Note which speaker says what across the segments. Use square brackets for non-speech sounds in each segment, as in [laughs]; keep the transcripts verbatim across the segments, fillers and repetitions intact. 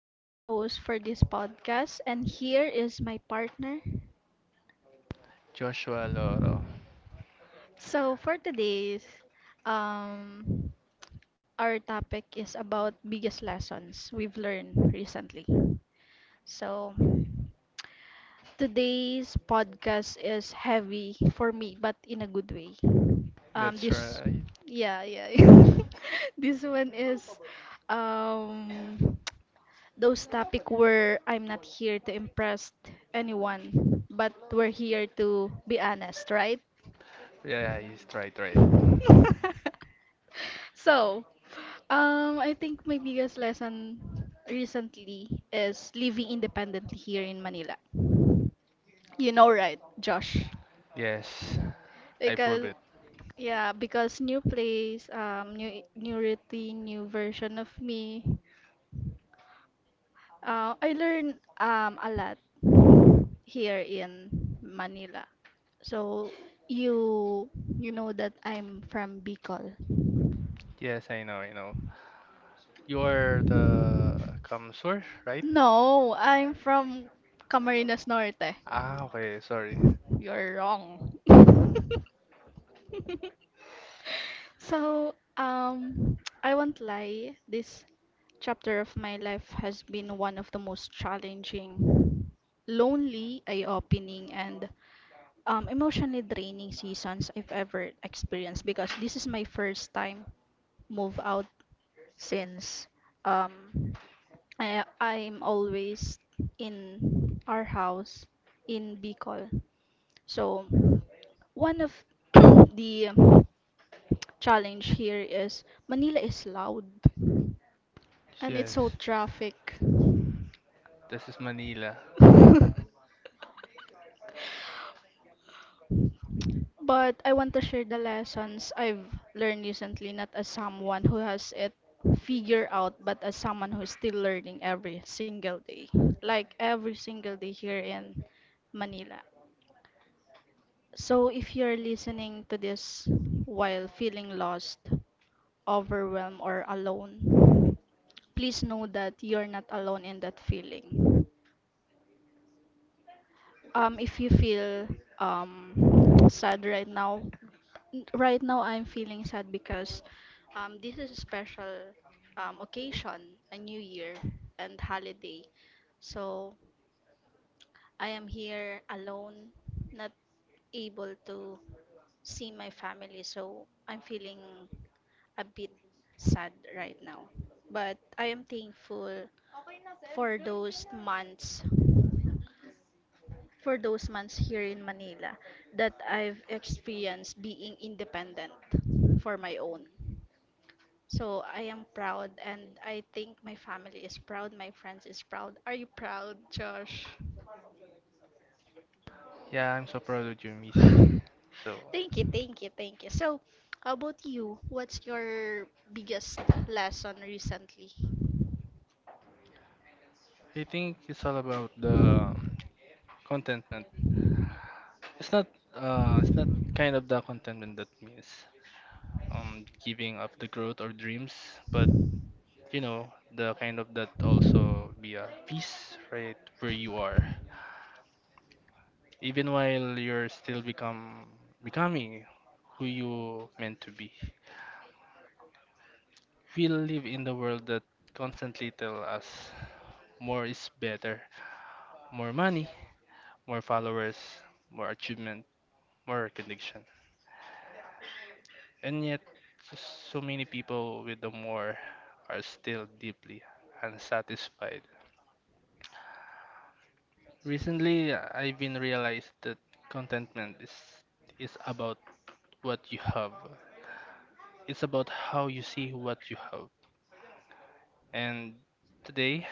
Speaker 1: I am the host for this podcast and here is my partner.
Speaker 2: Joshua Loro.
Speaker 1: So for today's um our topic is about biggest lessons we've learned recently. So today's podcast is heavy for me but in a good way. Um
Speaker 2: That's
Speaker 1: this
Speaker 2: right.
Speaker 1: yeah, yeah. [laughs] this one is um Those topics where I'm not here to impress anyone, but we're here to be honest, right?
Speaker 2: Yeah, he's right, right.
Speaker 1: [laughs] So, um, I think my biggest lesson recently is living independently here in Manila. You know, right, Josh?
Speaker 2: Yes, I prove
Speaker 1: Because
Speaker 2: it.
Speaker 1: yeah, because new place, um, new new routine, new version of me. Uh, I learn um a lot here in Manila. So you you know that I'm from Bicol.
Speaker 2: Yes, I know, I know. You're the Kamsur, right?
Speaker 1: No, I'm from Camarines Norte.
Speaker 2: Ah, okay, sorry.
Speaker 1: You're wrong. [laughs] So, um, [tsk] I won't lie, this chapter of my life has been one of the most challenging, lonely, eye-opening, and um, emotionally draining seasons I've ever experienced because this is my first time move out since um, I, I'm always in our house in Bicol. So one of [clears throat] the challenge here is Manila is loud and it's so
Speaker 2: Yes,
Speaker 1: traffic.
Speaker 2: this is Manila.
Speaker 1: [laughs] [laughs] But I want to share the lessons I've learned recently, not as someone who has it figured out, but as someone who's still learning every single day. Like every single day here in Manila. So if you're listening to this while feeling lost, overwhelmed, or alone, please know that you're not alone in that feeling. Um, if you feel um sad right now, n- right now I'm feeling sad because um this is a special um occasion, a new year and holiday. So I am here alone, not able to see my family. So I'm feeling a bit sad right now. But I am thankful for those months for those months here in Manila that I've experienced being independent for my own. So I am proud and I think my family is proud, my friends is proud. Are you proud, Josh?
Speaker 2: Yeah, I'm so proud of you, Missy. So,
Speaker 1: [laughs] Thank you, thank you, thank you. So, how about you? What's your biggest lesson recently?
Speaker 2: I think it's all about the um, contentment. It's not, uh, it's not kind of the contentment that means um giving up the growth or dreams, but you know the kind of that also be a peace, right, where you are. Even while you're still become becoming who you meant to be. We live in the world that constantly tell us more is better, more money, more followers, more achievement, more recognition. And yet, so, so many people with the more are still deeply unsatisfied. Recently, I've been realized that contentment is is about what you have. It's about how you see what you have. And today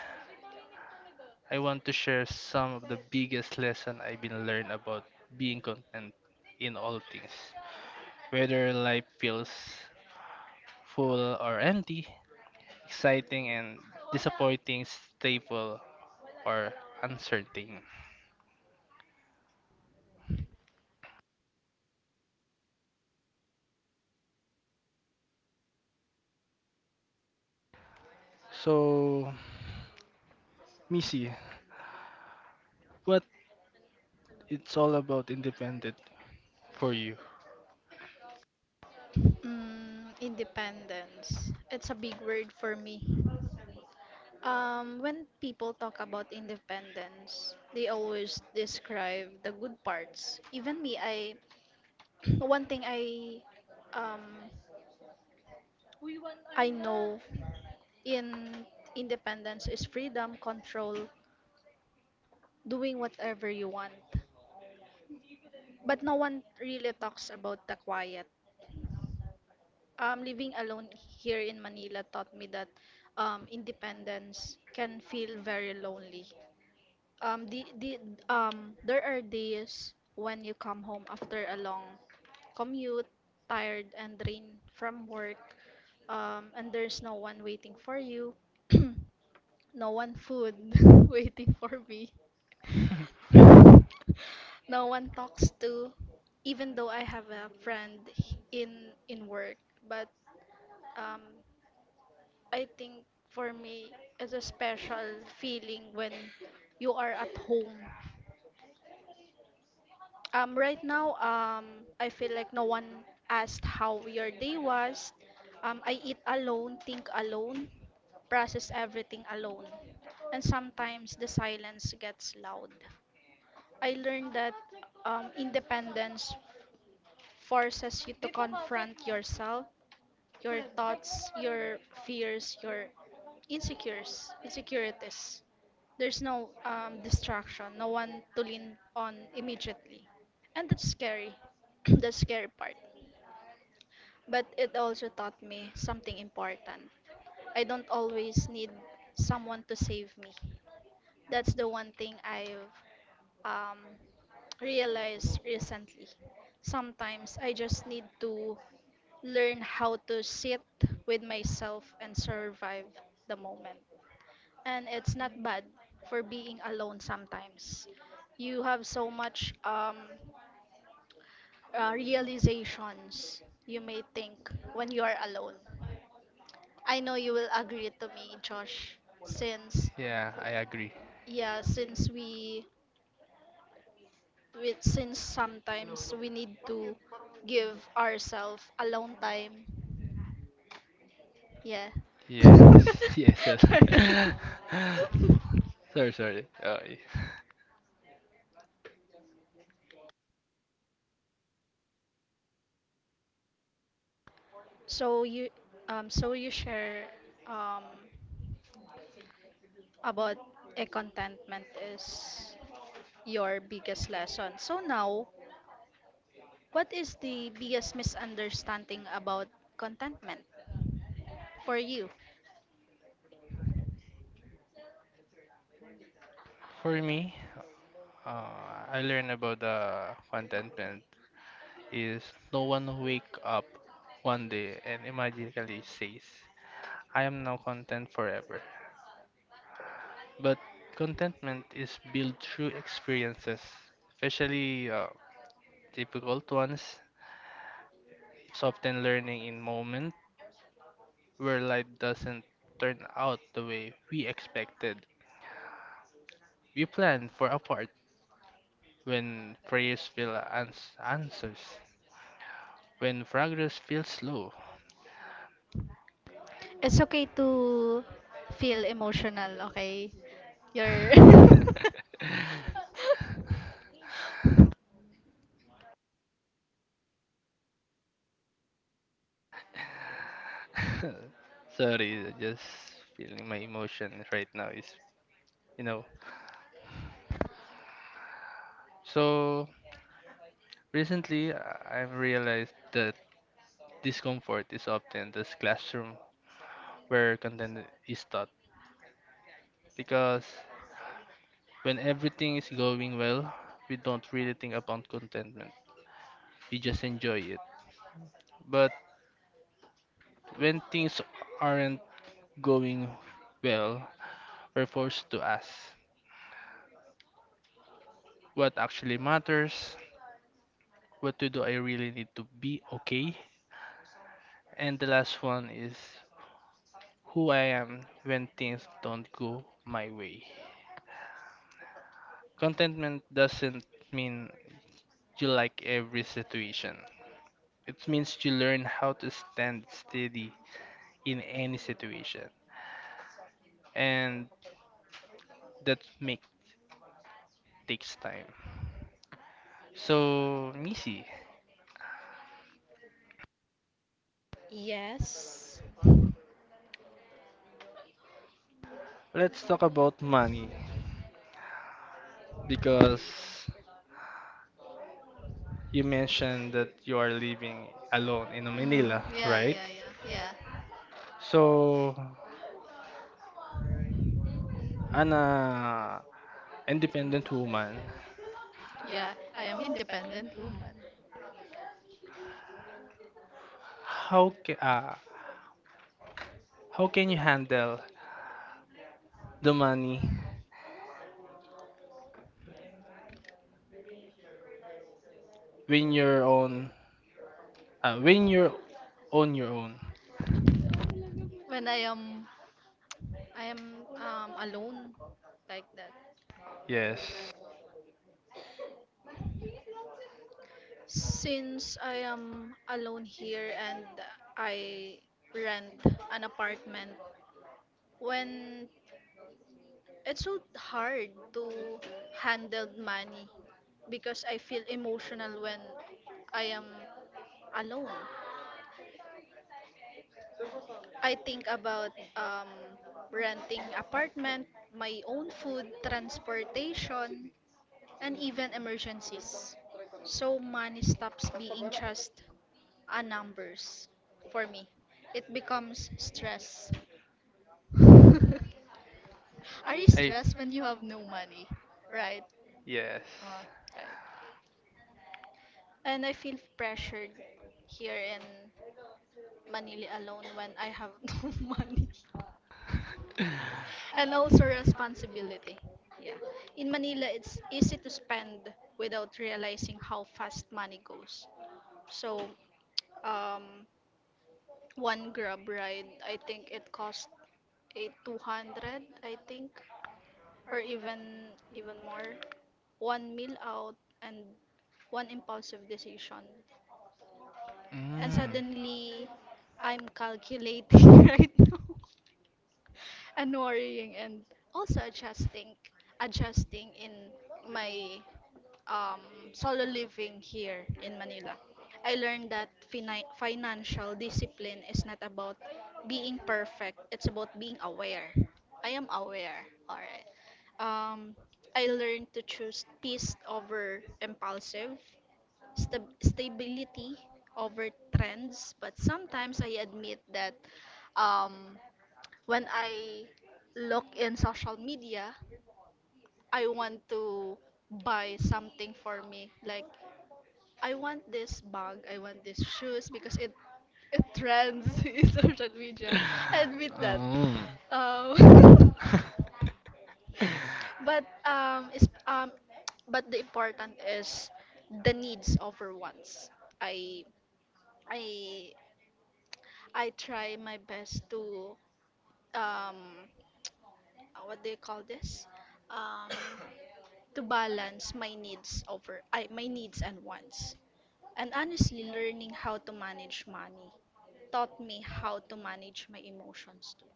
Speaker 2: I want to share some of the biggest lesson I've been learned about being content in all things. Whether life feels full or empty, exciting and disappointing, stable or uncertain. So, Missy, what it's all about independent for you?
Speaker 1: Mm, independence. It's a big word for me. Um, when people talk about independence, they always describe the good parts. Even me, I [clears throat] one thing I um I know in independence is freedom, control, doing whatever you want. But no one really talks about the quiet. Um, living alone here in Manila taught me that um, independence can feel very lonely. Um, the the um, there are days when you come home after a long commute, tired and drained from work, um, and there's no one waiting for you, [clears throat] no one food [laughs] waiting for me, no one talks to, even though I have a friend in in work, but um, I think for me it's a special feeling when you are at home. Um, right now, um, I feel like no one asked how your day was. Um, I eat alone, think alone, process everything alone. And sometimes the silence gets loud. I learned that um, independence forces you to confront yourself, your thoughts, your fears, your insecures, insecurities. There's no um, distraction, no one to lean on immediately. And that's scary. [clears throat] that's scary part. But it also taught me something important. I don't always need someone to save me. That's the one thing I've um, realized recently. Sometimes I just need to learn how to sit with myself and survive the moment. And it's not bad for being alone sometimes. You have so much um, uh, realizations you may think when you are alone. I know you will agree to me, Josh, since
Speaker 2: Yeah, I agree.
Speaker 1: yeah, since we which since sometimes we need to give ourselves alone time. Yeah.
Speaker 2: Yeah. [laughs] Yes, yes. [laughs]
Speaker 1: [laughs]
Speaker 2: sorry, sorry. Uh,
Speaker 1: so you um so you share um about a contentment is your biggest lesson. So now, what is the biggest misunderstanding about contentment for you?
Speaker 2: for me, uh, I learned about the contentment is no one wake up one day and immediately says, I am now content forever. But contentment is built through experiences, especially uh, difficult ones. It's often learning in moments where life doesn't turn out the way we expected. We plan for a part when prayers feel ans- answers, when progress feels slow.
Speaker 1: It's okay to feel emotional, okay? You're
Speaker 2: [laughs]
Speaker 1: [laughs]
Speaker 2: Sorry, just feeling my emotions right now is, you know. So recently, I- I've realized that discomfort is often this classroom where content is taught because when everything is going well, we don't really think about contentment. We just enjoy it. But when things aren't going well, we're forced to ask what actually matters. What to do I really need to be okay? And the last one is who I am when things don't go my way. Contentment doesn't mean you like every situation. It means you learn how to stand steady in any situation. And that make takes time. So, Missy,
Speaker 1: Yes. Mm,
Speaker 2: let's talk about money because you mentioned that you are living alone in Manila,
Speaker 1: yeah,
Speaker 2: right?
Speaker 1: yeah, yeah, yeah,
Speaker 2: So, an uh, independent woman,
Speaker 1: yeah. I am independent woman.
Speaker 2: how ca- uh, how can you handle the money when you're on uh, when you're on your own?
Speaker 1: When I am, I am um alone, like that.
Speaker 2: Yes,
Speaker 1: Since I am alone here and I rent an apartment, when it's so hard to handle money because I feel emotional when I am alone. I think about um, renting apartment, my own food, transportation, and even emergencies. So money stops being just a numbers for me. It becomes stress. [laughs] Are you
Speaker 2: I
Speaker 1: stressed when you have no money? Right?
Speaker 2: yes.
Speaker 1: Uh, right. And I feel pressured here in Manila alone when I have [laughs] no money.
Speaker 2: [laughs]
Speaker 1: And also responsibility. Yeah. In Manila, it's easy to spend without realizing how fast money goes. So, um, one Grab ride, I think it cost a two hundred, I think, or even even more. One meal out and one impulsive decision. And
Speaker 2: And mm.
Speaker 1: suddenly, I'm calculating [laughs] right now, and worrying and also adjusting adjusting in my um, solo living here in Manila. I learned that fini- financial discipline is not about being perfect, it's about being aware. I am aware, alright. Um, I learned to choose peace over impulsive, stab stability over trends, but sometimes I admit that um, when I look in social media, I want to buy something for me. Like I want this bag, I want these shoes because it it trends [laughs] in social media. I admit
Speaker 2: Everything.
Speaker 1: that.
Speaker 2: Um.
Speaker 1: Um,
Speaker 2: [laughs]
Speaker 1: [laughs] but um, is um, but the important is the needs over wants. I I I try my best to um uh, what do you call this? Um, to balance my needs over I, my needs and wants. And honestly, learning how to manage money taught me how to manage my emotions too.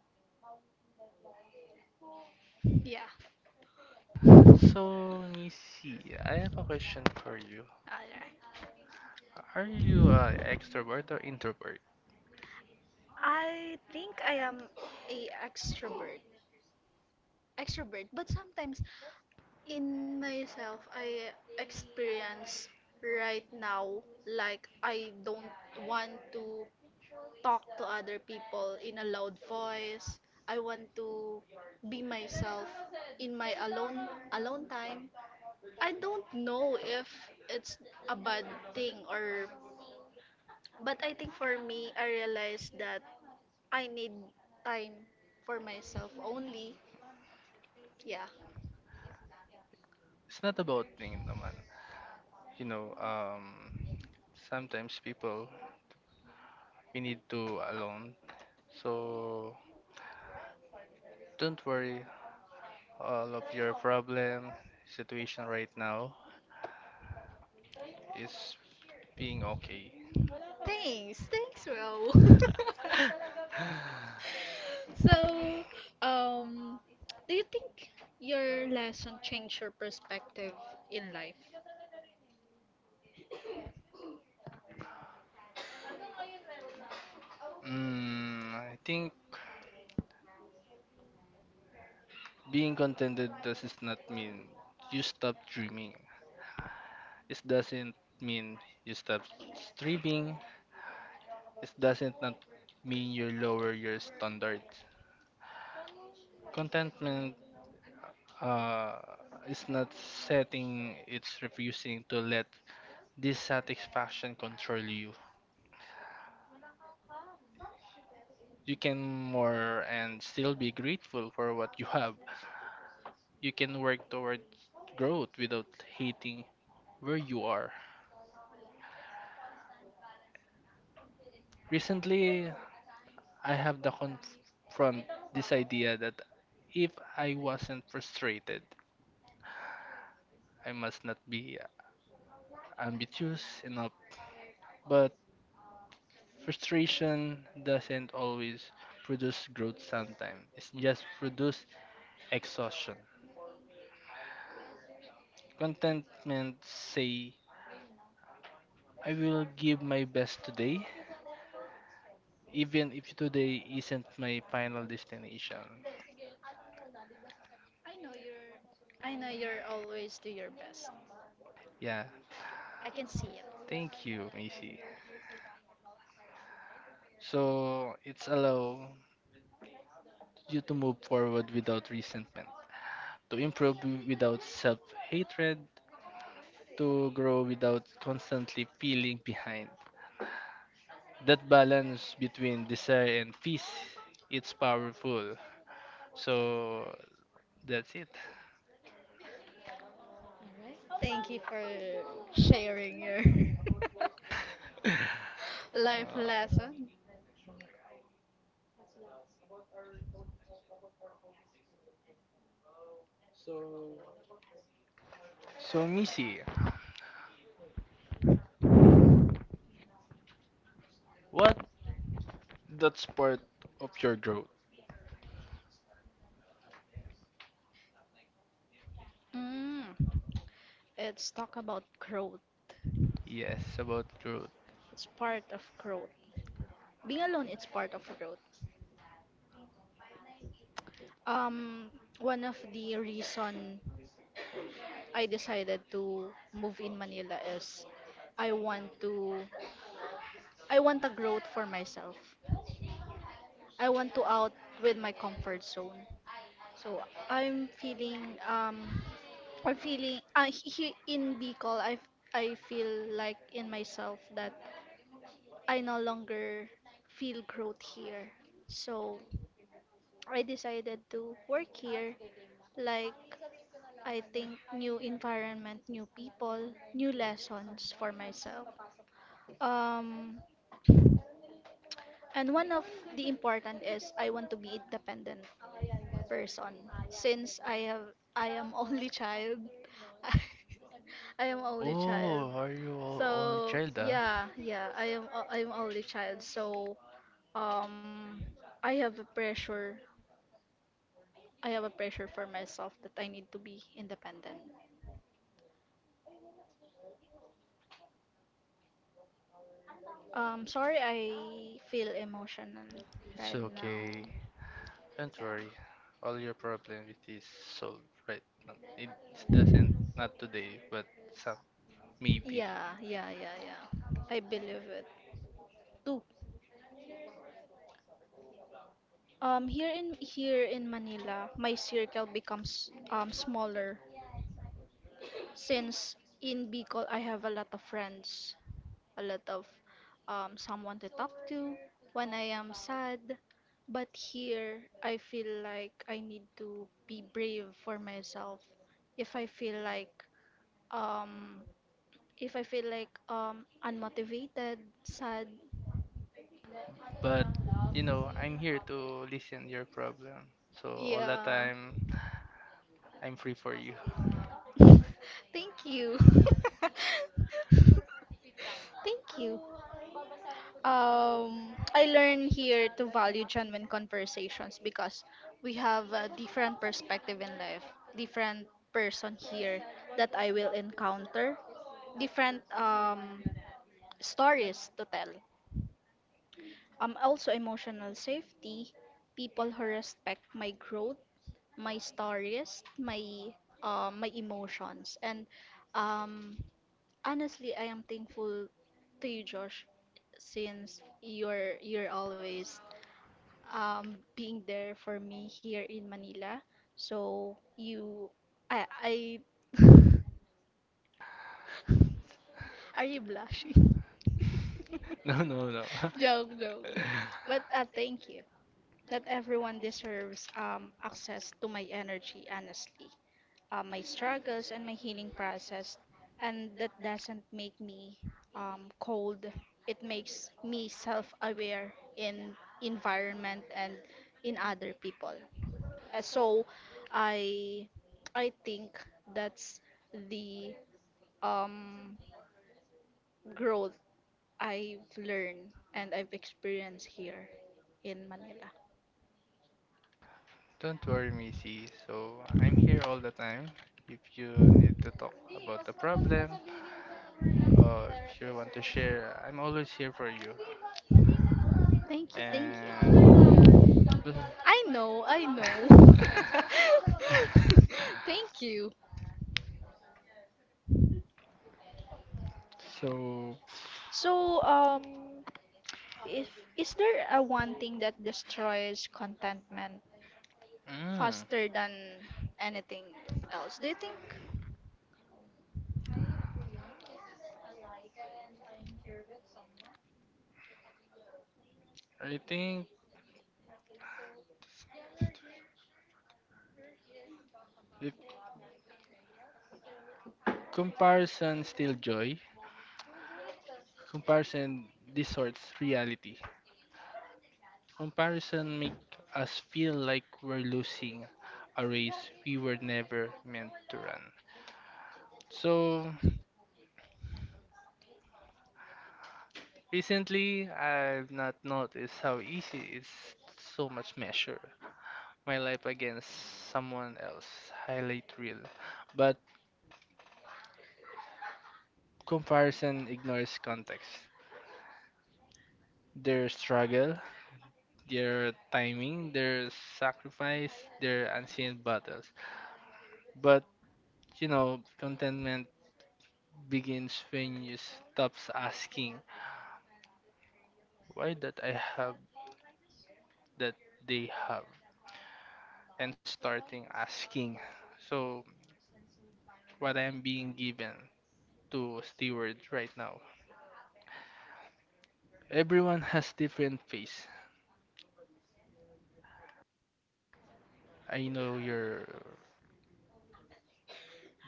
Speaker 1: Yeah.
Speaker 2: so let I have a question for you.
Speaker 1: Alright.
Speaker 2: Are you uh, extrovert or introvert?
Speaker 1: I think I am a extrovert. Extrovert, but sometimes in myself I experience right now like I don't want to talk to other people in a loud voice. I want to be myself in my alone alone time. I don't know if it's a bad thing or but I think for me I realized that I need time for myself only. Yeah.
Speaker 2: It's not about thing naman. You know, um, sometimes people we need to alone. So don't worry, all of your problem situation right now is being okay.
Speaker 1: Thanks. Thanks, Ro. [laughs]
Speaker 2: [laughs]
Speaker 1: So, um, do you think your lesson changed your perspective in life?
Speaker 2: mm, I think being contented does not mean you stop dreaming. It doesn't mean you stop striving. It doesn't not mean you lower your standards. Contentment uh, is not setting, it's refusing to let dissatisfaction control you. You can more and still be grateful for what you have. You can work toward growth without hating where you are. Recently, I have to confront this idea that if I wasn't frustrated, I must not be ambitious enough. But frustration doesn't always produce growth sometimes. It's just produce exhaustion. Contentment say I will give my best today even if today isn't my final destination.
Speaker 1: I know you're always do your best.
Speaker 2: Yeah,
Speaker 1: I can see it.
Speaker 2: thank you, Missy. So it's allow you to move forward without resentment, to improve without self-hatred, to grow without constantly feeling behind. That balance between desire and peace, it's powerful. So that's it.
Speaker 1: All right. Thank you for sharing your [laughs] life lesson.
Speaker 2: So, Missy, what, that's part of your growth.
Speaker 1: Mm. It's talk about growth.
Speaker 2: Yes, about growth.
Speaker 1: It's part of growth. Being alone, it's part of growth. Um, one of the reason I decided to move in Manila is I want to I want a growth for myself. I want to out with my comfort zone. So I'm feeling um I'm feeling uh, he, in Bicol I I feel like in myself that I no longer feel growth here. So I decided to work here like I think new environment, new people, new lessons for myself. Um, and one of the important is I want to be independent person. Since I have I am only child. [laughs] I am only child.
Speaker 2: Oh, are you all only
Speaker 1: So
Speaker 2: child ah?
Speaker 1: yeah, yeah, I am I am only child. So um I have a pressure I have a pressure for myself that I need to be independent. Um, sorry I feel emotional
Speaker 2: It's
Speaker 1: right
Speaker 2: okay.
Speaker 1: now.
Speaker 2: Don't worry,
Speaker 1: Yeah.
Speaker 2: all your problem it is solved right now. It is that not today, but some maybe.
Speaker 1: Yeah, yeah, yeah, yeah. I believe it too. Um, here in here in Manila, my circle becomes um smaller. Since in Bicol, I have a lot of friends, a lot of um, someone to talk to when I am sad. But here, I feel like I need to be brave for myself. If I feel like um, if I feel like um, unmotivated, sad,
Speaker 2: But you know, I'm here to listen your problem. So all the
Speaker 1: yeah.
Speaker 2: time, I'm free for you. [laughs]
Speaker 1: [laughs] Thank you. [laughs] Thank you. Um, I learn here to value genuine conversations because we have a different perspective in life, different person here that I will encounter, different um, stories to tell. Um, also emotional safety, people who respect my growth, my stories, my um, my emotions, and um, honestly, I am thankful to you, Josh, since you're you're always um, being there for me here in Manila. So you, I, I, [laughs] are you blushing? [laughs]
Speaker 2: No, no, no.
Speaker 1: Joke, joke, joke.
Speaker 2: [laughs]
Speaker 1: But uh, thank you. Not everyone deserves um, access to my energy, honestly. Uh, my struggles and my healing process. And that doesn't make me um, cold. It makes me self-aware in environment and in other people. Uh, So I I think that's the um growth I've learned and I've experienced here in Manila.
Speaker 2: Don't worry, Missy. So I'm here all the time. If you need to talk about the problem, or if you want to share, I'm always here for you.
Speaker 1: Thank you, thank
Speaker 2: And
Speaker 1: you. I
Speaker 2: [laughs]
Speaker 1: know, I know. [laughs] Thank you.
Speaker 2: so,
Speaker 1: So, um, if is there a one thing that destroys contentment
Speaker 2: mm,
Speaker 1: faster than anything else? Do you think
Speaker 2: I think if comparison still joy, comparison distorts reality. Comparison makes us feel like we're losing a race we were never meant to run. So recently, I've not noticed how easy it's so much measure my life against someone else highlight reel. But comparison ignores context. Their struggle, their timing, their sacrifice, their unseen battles. But you know, contentment begins when you stops asking why that I have that they have and starting asking so what I am being given to steward right now. Everyone has different face. I know you're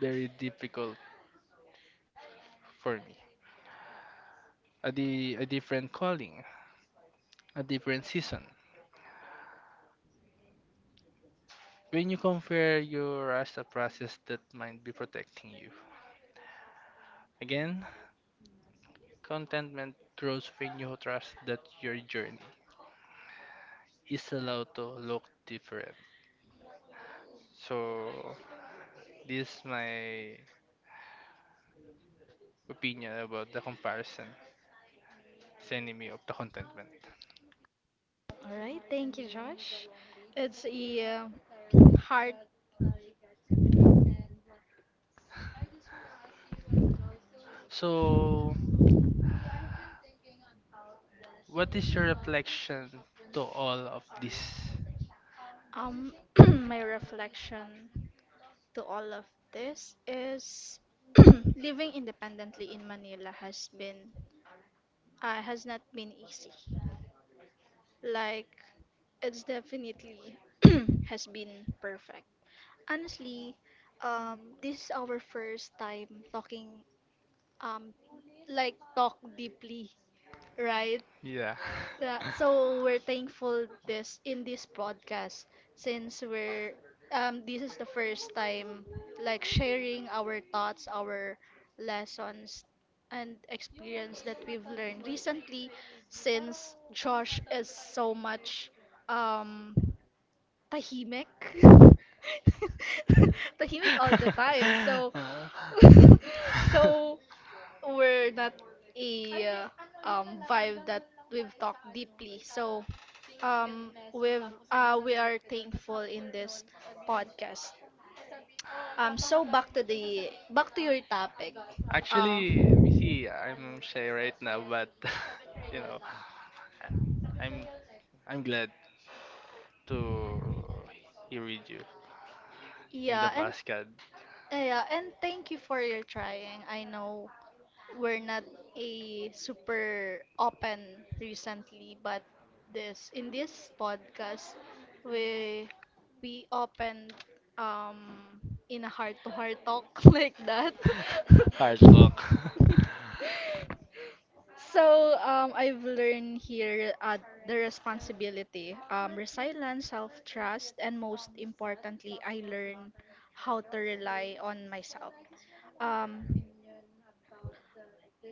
Speaker 2: very difficult for me. A, di- a different calling, a different season. When you compare your as a process that might be protecting you. Again, contentment grows when you trust that your journey is allowed to look different. So this is my opinion about the comparison. It's enemy of the contentment.
Speaker 1: All right, thank you, Josh. It's a uh, hard
Speaker 2: So what is your reflection to all of this?
Speaker 1: um [clears throat] my reflection to all of this is [clears throat] living independently in Manila has been uh, has not been easy. Like it's definitely [clears throat] has been perfect. Honestly, um this is our first time talking um like talk deeply, right?
Speaker 2: Yeah.
Speaker 1: Yeah,
Speaker 2: [laughs]
Speaker 1: so we're thankful this in this podcast since we're um this is the first time like sharing our thoughts, our lessons and experience that we've learned recently since Josh is so much um tahimik. [laughs] tahimik all the time. So
Speaker 2: Uh,
Speaker 1: [laughs] so
Speaker 2: [laughs]
Speaker 1: we're not a uh, um vibe that we've talked deeply. So um we've uh we are thankful in this podcast. Um, so back to the back to your topic. Uh,
Speaker 2: Actually, you see, I'm shy right now, but [laughs] you know, I- I'm I'm glad to hear with you in the
Speaker 1: yeah, and
Speaker 2: past, God.
Speaker 1: yeah, and thank you for your trying. I know we're not a super open recently, but this in this podcast we we open um in a heart to heart talk [laughs] like that.
Speaker 2: [laughs] Hard luck. [laughs]
Speaker 1: So um, I've learned here uh, the responsibility, um, resilience, self-trust, and most importantly, I learned how to rely on myself. Um,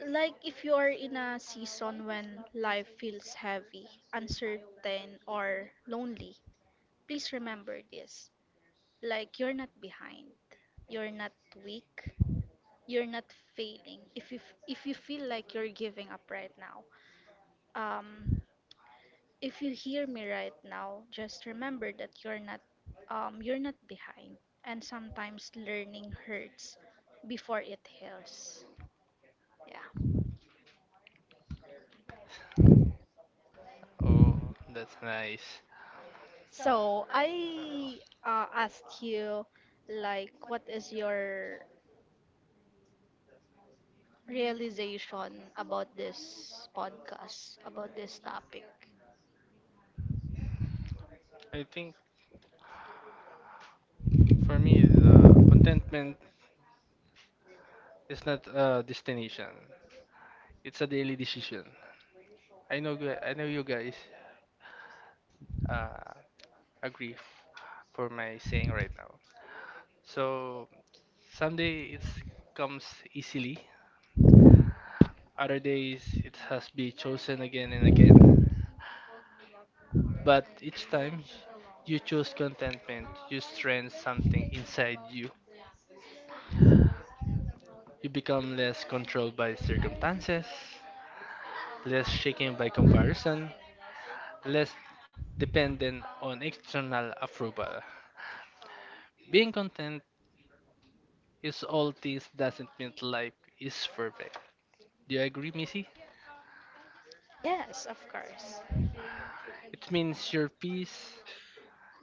Speaker 1: like if you are in a season when life feels heavy, uncertain, or lonely, please remember this. Like you're not behind. You're not weak. You're not failing. If you f- if you feel like you're giving up right now, um, if you hear me right now, just remember that you're not um you're not behind. And sometimes learning hurts before it heals. Yeah.
Speaker 2: Oh, that's nice.
Speaker 1: So I uh, asked you, like, what is your realization about this podcast, about this topic?
Speaker 2: I think for me, contentment is not a destination. It's a daily decision. I know, gu- I know you guys uh, agree for my saying right now. So someday it comes easily. Other days it has be chosen again and again. But each time you choose contentment, you strengthen something inside you. You become less controlled by circumstances, less shaken by comparison, less dependent on external approval. Being content is all this doesn't mean life is perfect. Do you agree, Missy?
Speaker 1: Yes, of course.
Speaker 2: It means your peace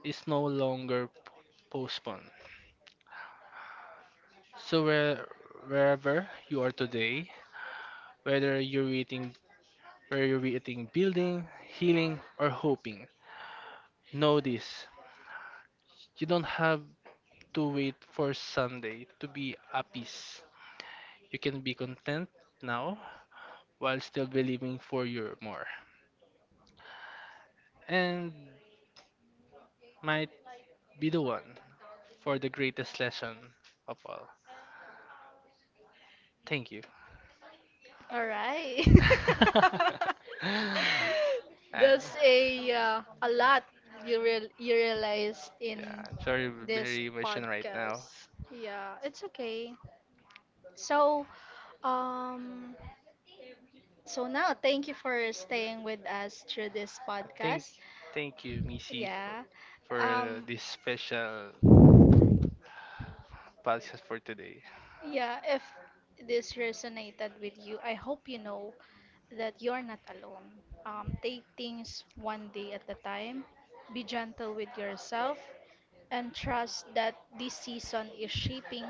Speaker 2: is no longer p- postponed. So where, wherever you are today, whether you're eating, whether you're eating, building, healing, or hoping, know this: you don't have to wait for Sunday to be at peace. You can be content now while still believing for your more. And might be the one for the greatest lesson of all. Thank you. [laughs]
Speaker 1: All right. [laughs]
Speaker 2: [laughs] I-
Speaker 1: That's a uh, a lot you real you realized
Speaker 2: yeah,
Speaker 1: in
Speaker 2: I'm info. Sorry, I'm
Speaker 1: this
Speaker 2: very emotional right now.
Speaker 1: podcast. Yeah, it's okay. So, um, So now, thank you for staying with us through this
Speaker 2: Uh, Thank, podcast.
Speaker 1: podcast.
Speaker 2: Thank you, Missy, for, yeah,
Speaker 1: Yeah.
Speaker 2: for uh,
Speaker 1: Um
Speaker 2: this special podcast for today.
Speaker 1: yeah, if this resonated with you, I hope you know that you're not alone. Um, take things one day at a time. Be gentle with yourself and trust that this season is shaping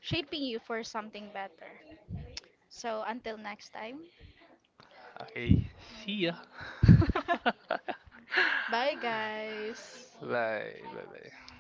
Speaker 1: shaping you for something better. So until next time.
Speaker 2: Okay, see ya. [laughs]
Speaker 1: [laughs]
Speaker 2: 拜
Speaker 1: Bye guys.
Speaker 2: 拜拜拜。